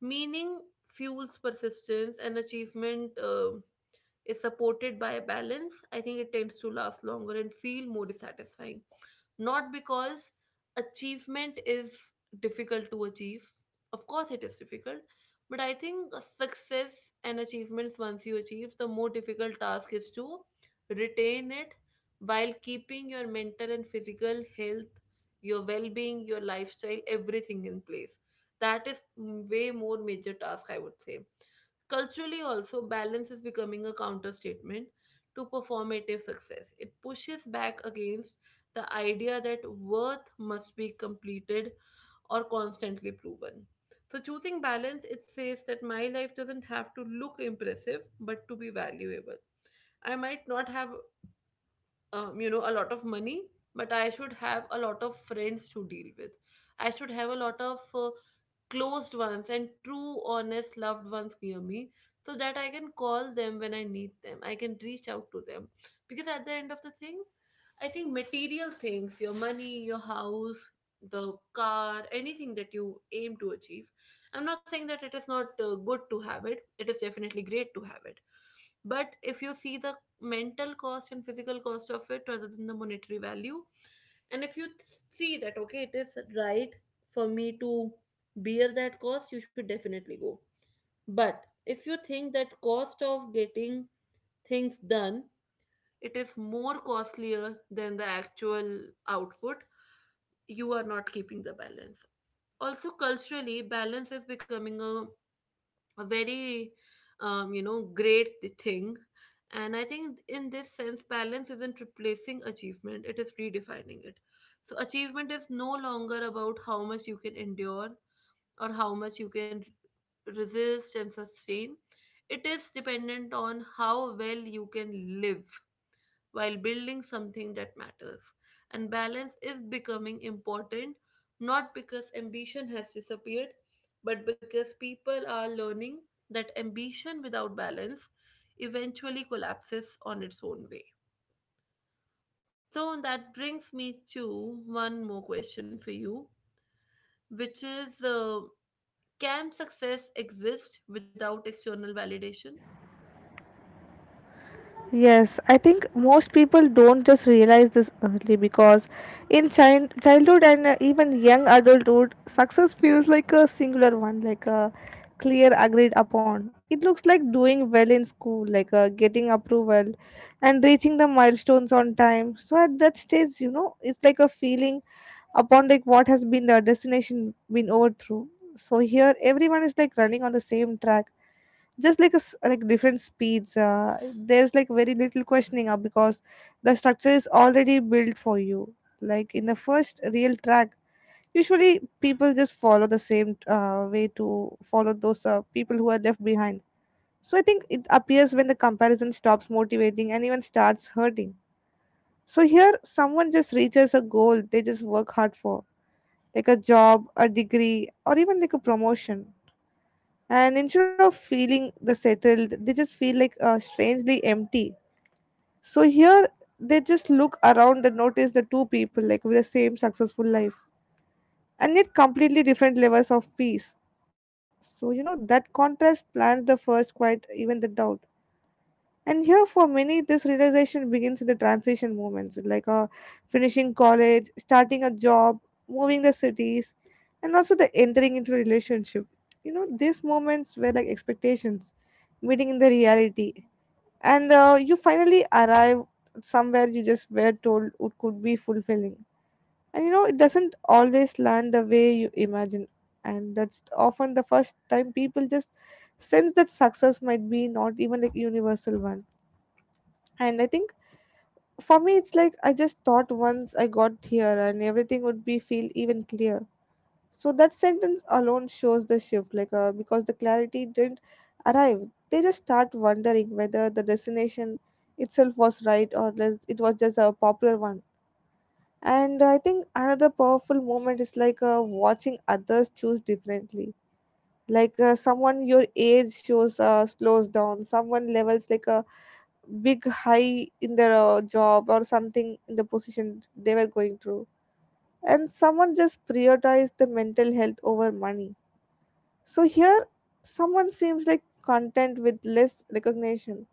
Speaker 1: Meaning fuels persistence and achievement um is supported by balance. I think it tends to last longer and feel more satisfying, not because achievement is difficult to achieve. Of course, it is difficult, but I think success and achievements, once you achieve, the more difficult task is to retain it while keeping your mental and physical health, your well being, your lifestyle, everything in place. That is way more major task, I would say. Culturally, also, balance is becoming a counter statement to performative success. It pushes back against the idea that worth must be completed or constantly proven. So, choosing balance, it says that my life doesn't have to look impressive, but to be valuable. I might not have, um, you know, a lot of money, but I should have a lot of friends to deal with. I should have a lot of uh, closed ones and true, honest, loved ones near me so that I can call them when I need them. I can reach out to them. Because at the end of the thing, I think material things, your money, your house, the car, anything that you aim to achieve. I'm not saying that it is not uh, good to have it, it is definitely great to have it. But if you see the mental cost and physical cost of it rather than the monetary value, and if you th- see that, okay, it is right for me to bear that cost, you should definitely go. But if you think that cost of getting things done, it is more costlier than the actual output, you are not keeping the balance. Also, culturally, balance is becoming a a very um, you know, great thing. And I think in this sense, balance isn't replacing achievement, it is redefining it. So achievement is no longer about how much you can endure or how much you can resist and sustain. It is dependent on how well you can live while building something that matters. And balance is becoming important not because ambition has disappeared, but because people are learning that ambition without balance eventually collapses on its own way. So that brings me to one more question for you, which is, uh, can success exist without external validation?
Speaker 2: Yes, I think most people don't just realize this early because in child childhood and uh, even young adulthood, success feels like a singular one, like a clear agreed upon. It looks like doing well in school, like uh, getting approval and reaching the milestones on time. So at that stage, you know, it's like a feeling upon like what has been the destination been over through. So here everyone is like running on the same track, just like a, s- like different speeds. Uh, there's like very little questioning uh, because the structure is already built for you, like in the first real track. Usually people just follow the same uh, way to follow those uh, people who are left behind. So I think it appears when the comparison stops motivating and even starts hurting. So here someone just reaches a goal they just work hard for, like a job, a degree, or even like a promotion, and instead of feeling the settled they just feel like uh, strangely empty. So here they just look around and notice the two people like with the same successful life and yet completely different levels of peace. So you know that contrast plans the first quiet even the doubt. And here, for many, this realization begins in the transition moments, like uh, finishing college, starting a job, moving the cities, and also the entering into a relationship. You know, these moments were like expectations, meeting in the reality, and uh, you finally arrive somewhere you just were told it could be fulfilling. And you know, it doesn't always land the way you imagine, and that's often the first time people just sense that success might be not even like universal one. And I think for me, it's like I just thought once I got here and everything would be feel even clear. So that sentence alone shows the shift, like uh, because the clarity didn't arrive. They just start wondering whether the destination itself was right or less, it was just a popular one. And I think another powerful moment is like uh, watching others choose differently. Like uh, someone your age shows uh, slows down, someone levels like uh, big high in their uh, job or something in the position they were going through, and someone just prioritized the mental health over money. So here someone seems like content with less recognition.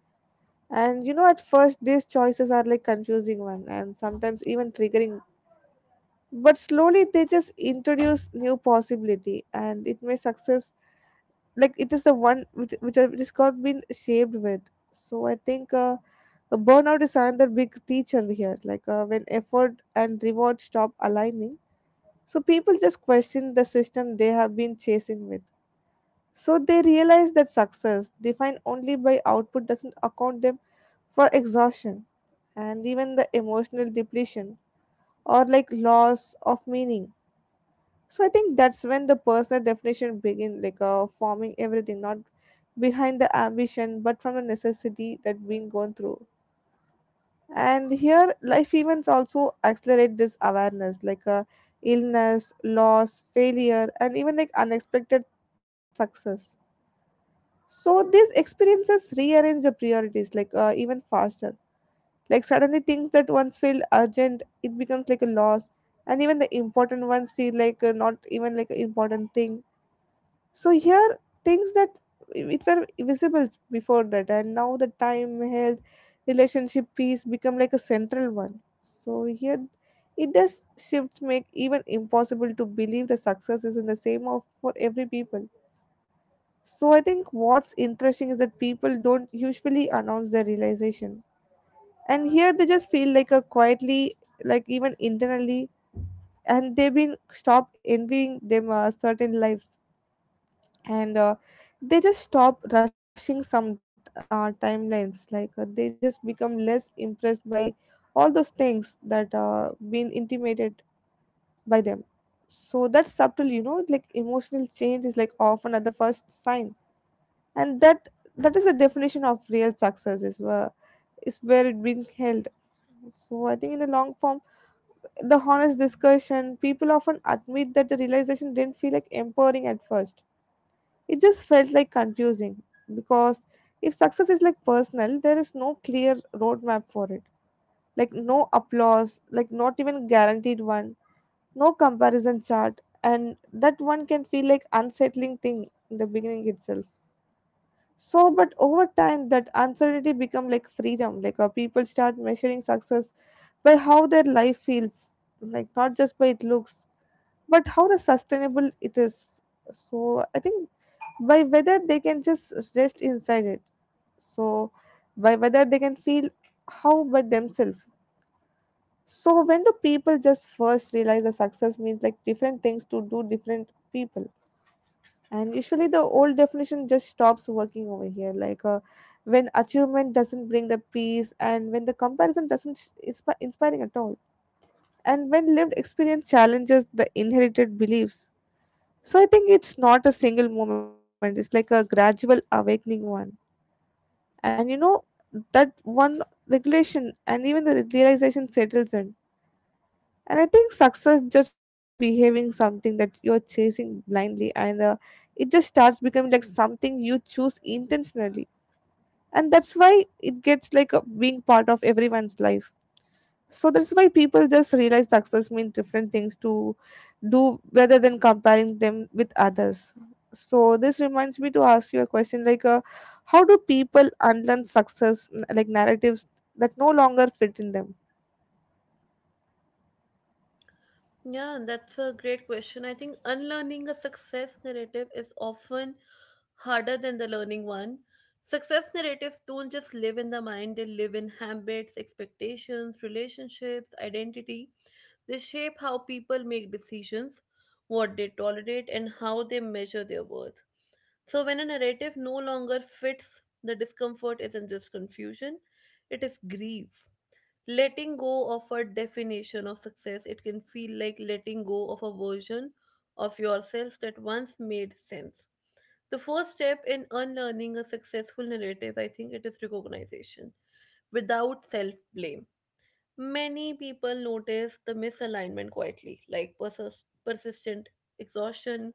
Speaker 2: And you know at first these choices are like confusing one and sometimes even triggering, but slowly they just introduce new possibility and it may success, like it is the one which which, which has got been shaped with. So I think uh, Uh, burnout is another big teacher here like uh, when effort and reward stop aligning. So people just question the system they have been chasing with. So they realize that success defined only by output doesn't account them for exhaustion and even the emotional depletion or like loss of meaning. So I think that's when the personal definition begin like uh, forming everything not behind the ambition but from the necessity that being gone through. And here life events also accelerate this awareness like uh, illness, loss, failure, and even like unexpected success. So these experiences rearrange the priorities like uh, even faster. Like suddenly things that once felt urgent it becomes like a loss, and even the important ones feel like uh, not even like an important thing. So here, things that it were visible before that, and now the time, health, relationship, peace become like a central one. So here, it does shifts make even impossible to believe the success is in the same of for every people. So I think what's interesting is that people don't usually announce their realization, and here they just feel like a quietly, like even internally, and they've been stopped envying them uh, certain lives, and uh, they just stop rushing some uh, timelines, like uh, they just become less impressed by all those things that uh, been intimated by them. So that's subtle, you know, like emotional change is like often at the first sign, and that that is the definition of real success is where is where it being held. So I think in the long form the honest discussion people often admit that the realization didn't feel like empowering at first. It just felt like confusing because if success is like personal, there is no clear roadmap for it. Like no applause, like not even guaranteed one, no comparison chart, and that one can feel like unsettling thing in the beginning itself. So, but over time, that uncertainty become like freedom. Like uh, people start measuring success by how their life feels, like not just by it looks, but how the sustainable it is. So, I think by whether they can just rest inside it, so by whether they can feel how by themselves. So when do people just first realize the success means like different things to do different people, and usually the old definition just stops working over here like uh, when achievement doesn't bring the peace and when the comparison doesn't sh- inspi- inspiring at all, and when lived experience challenges the inherited beliefs. So I think it's not a single moment, it's like a gradual awakening one. And you know that one regulation and even the realization settles in. And I think success just stop behaving something that you're chasing blindly and uh, it just starts becoming like something you choose intentionally. And that's why it gets like a, being part of everyone's life. So that's why people just realize success means different things to do rather than comparing them with others. So this reminds me to ask you a question like uh, how do people unlearn success n- like narratives that no longer fit in them?
Speaker 1: Yeah, that's a great question. I think unlearning a success narrative is often harder than the learning one. Success narratives don't just live in the mind, they live in habits, expectations, relationships, identity. They shape how people make decisions, what they tolerate, and how they measure their worth. So, when a narrative no longer fits, the discomfort isn't just confusion, it is grief. Letting go of a definition of success, it can feel like letting go of a version of yourself that once made sense. The first step in unlearning a successful narrative, I think, it is recognition without self blame. Many people notice the misalignment quietly, like persis- persistent exhaustion,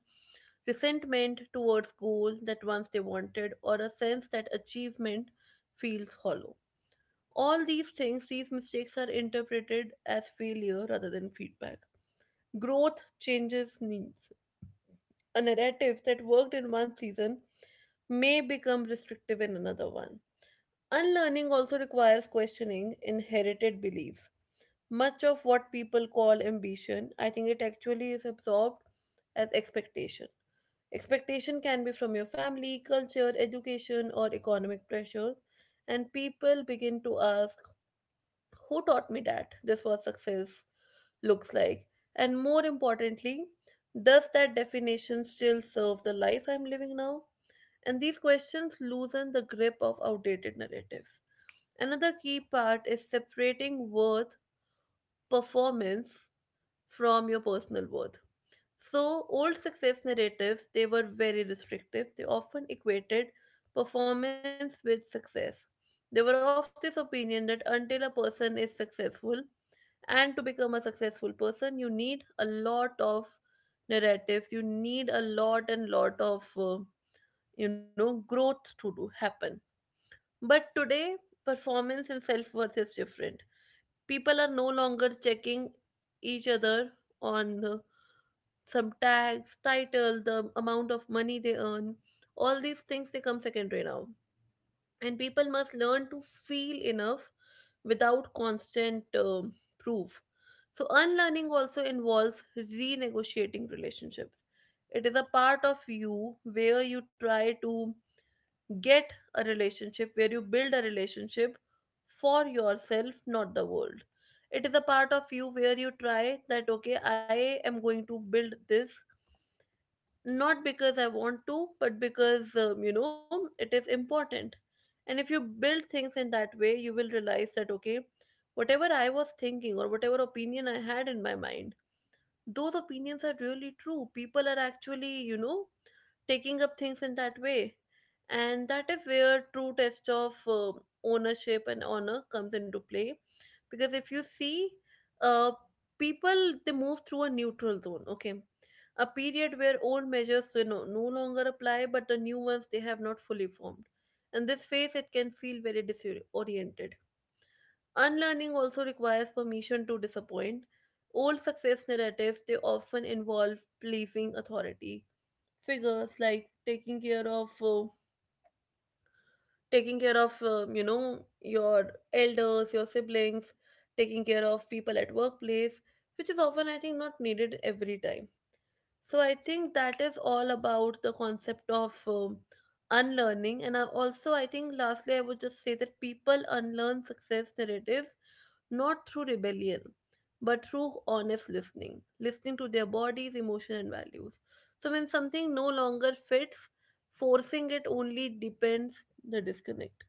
Speaker 1: resentment towards goals that once they wanted, or a sense that achievement feels hollow. All these things, these mistakes are interpreted as failure rather than feedback. Growth changes needs. A narrative that worked in one season may become restrictive in another one. Unlearning also requires questioning inherited beliefs. Much of what people call ambition, I think it actually is absorbed as expectation. Expectation can be from your family, culture, education, or economic pressure, and people begin to ask, who taught me that this was success looks like? And more importantly, does that definition still serve the life I'm living now? And these questions loosen the grip of outdated narratives. Another key part is separating worth performance from your personal worth. So old success narratives, they were very restrictive, they often equated performance with success. They were of this opinion that until a person is successful, and to become a successful person, you need a lot of narratives, you need a lot and lot of uh, you know, growth to do happen. But today performance and self-worth is different. People are no longer checking each other on, uh, some tags, title, the amount of money they earn. All these things, they come secondary now, and people must learn to feel enough without constant um, proof. So unlearning also involves renegotiating relationships. It is a part of you where you try to get a relationship where you build a relationship for yourself, not the world. It is a part of you where you try that, okay, I am going to build this not because I want to, but because, um, you know, it is important. And if you build things in that way, you will realize that, okay, whatever I was thinking or whatever opinion I had in my mind, those opinions are really true. People are actually, you know, taking up things in that way. And that is where true test of uh, ownership and honor comes into play. Because if you see, uh, people, they move through a neutral zone, okay, a period where old measures, you know, no longer apply but the new ones they have not fully formed, and this phase it can feel very disoriented. Unlearning also requires permission to disappoint. Old success narratives, they often involve pleasing authority figures, like taking care of uh, taking care of, um, you know, your elders, your siblings, taking care of people at workplace, which is often, I think, not needed every time. So I think that is all about the concept of, um, unlearning. And I also i think lastly I would just say that people unlearn success narratives not through rebellion, but through honest listening, listening to their bodies, emotion, and values. So when something no longer fits, forcing it only depends the disconnect.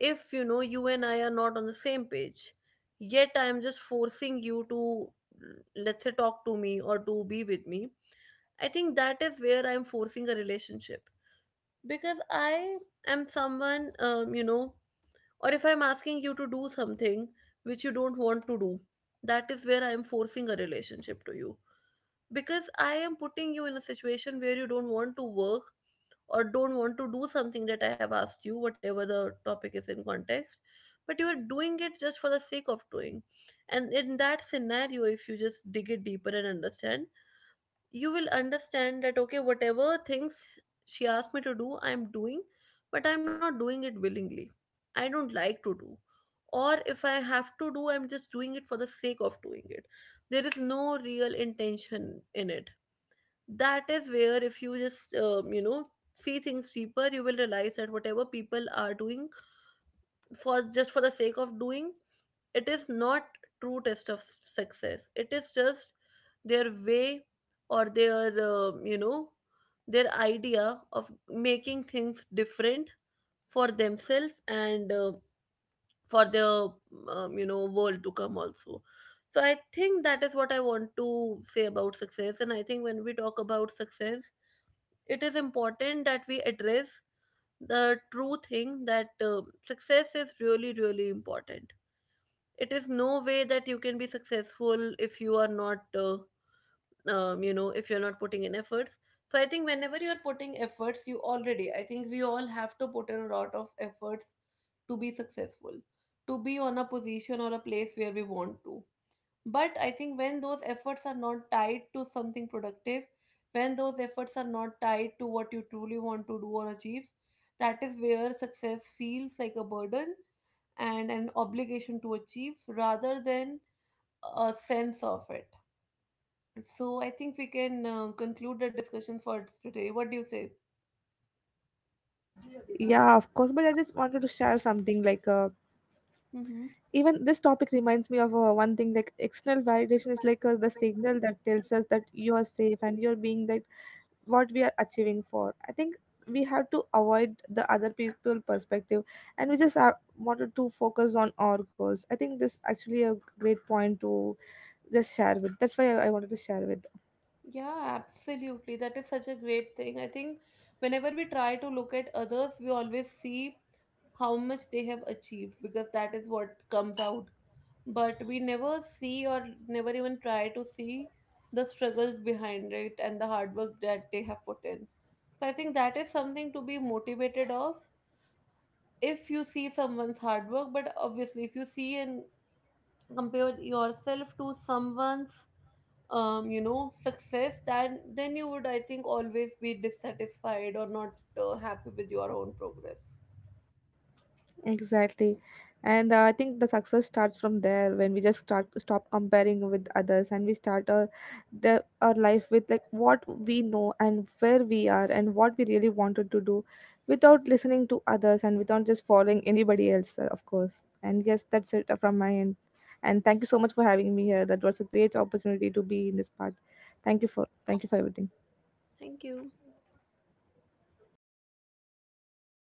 Speaker 1: If you know you and I are not on the same page, yet I am just forcing you to, let's say, talk to me or to be with me, I think that is where I'm forcing a relationship because I am someone, um, you know. Or if I'm asking you to do something which you don't want to do, that is where I am forcing a relationship to you. Because I am putting you in a situation where you don't want to work or don't want to do something that I have asked you, whatever the topic is in context, but you are doing it just for the sake of doing. And in that scenario, if you just dig it deeper and understand, you will understand that, okay, whatever things she asked me to do, I'm doing, but I'm not doing it willingly. I don't like to do. Or if I have to do, I'm just doing it for the sake of doing it. There is no real intention in it. That is where, if you just, um, you know, see things deeper, you will realize that whatever people are doing for just for the sake of doing, it is not true test of success. It is just their way, or their, um, you know, their idea of making things different for themselves, and uh, for their, um, you know, world to come also. So I think that is what I want to say about success. And I think when we talk about success, it is important that we address the true thing that, uh, success is really really important. It is no way that you can be successful if you are not, uh, um, you know, if you're not putting in efforts. So I think whenever you're putting efforts, you already, I think we all have to put in a lot of efforts to be successful, to be on a position or a place where we want to. But I think when those efforts are not tied to something productive, when those efforts are not tied to what you truly want to do or achieve, that is where success feels like a burden and an obligation to achieve rather than a sense of it. So I think we can uh, conclude the discussion for today. What do you say?
Speaker 2: Yeah, of course, but I just wanted to share something like uh,
Speaker 1: Mm-hmm.
Speaker 2: even this topic reminds me of uh, one thing, like external validation is like uh, the signal that tells us that you are safe and you're being like what we are achieving for. I think we have to avoid the other people perspective and we just have wanted to focus on our goals. I think this actually a great point to just share with, that's why i, I wanted to share with.
Speaker 1: Yeah, absolutely. That is such a great thing. I think whenever we try to look at others, we always see how much they have achieved because that is what comes out. But we never see or never even try to see the struggles behind it and the hard work that they have put in. So I think that is something to be motivated of if you see someone's hard work. But obviously, if you see and compare yourself to someone's, um, you know, success, then then you would, I think, always be dissatisfied or not uh, happy with your own progress.
Speaker 2: Exactly. And uh, I think the success starts from there when we just start stop comparing with others and we start our the, our life with like what we know and where we are and what we really wanted to do, without listening to others and without just following anybody else, uh, of course. And yes, that's it uh, from my end. And thank you so much for having me here. That was a great opportunity to be in this part. Thank you for thank you for everything.
Speaker 1: Thank you.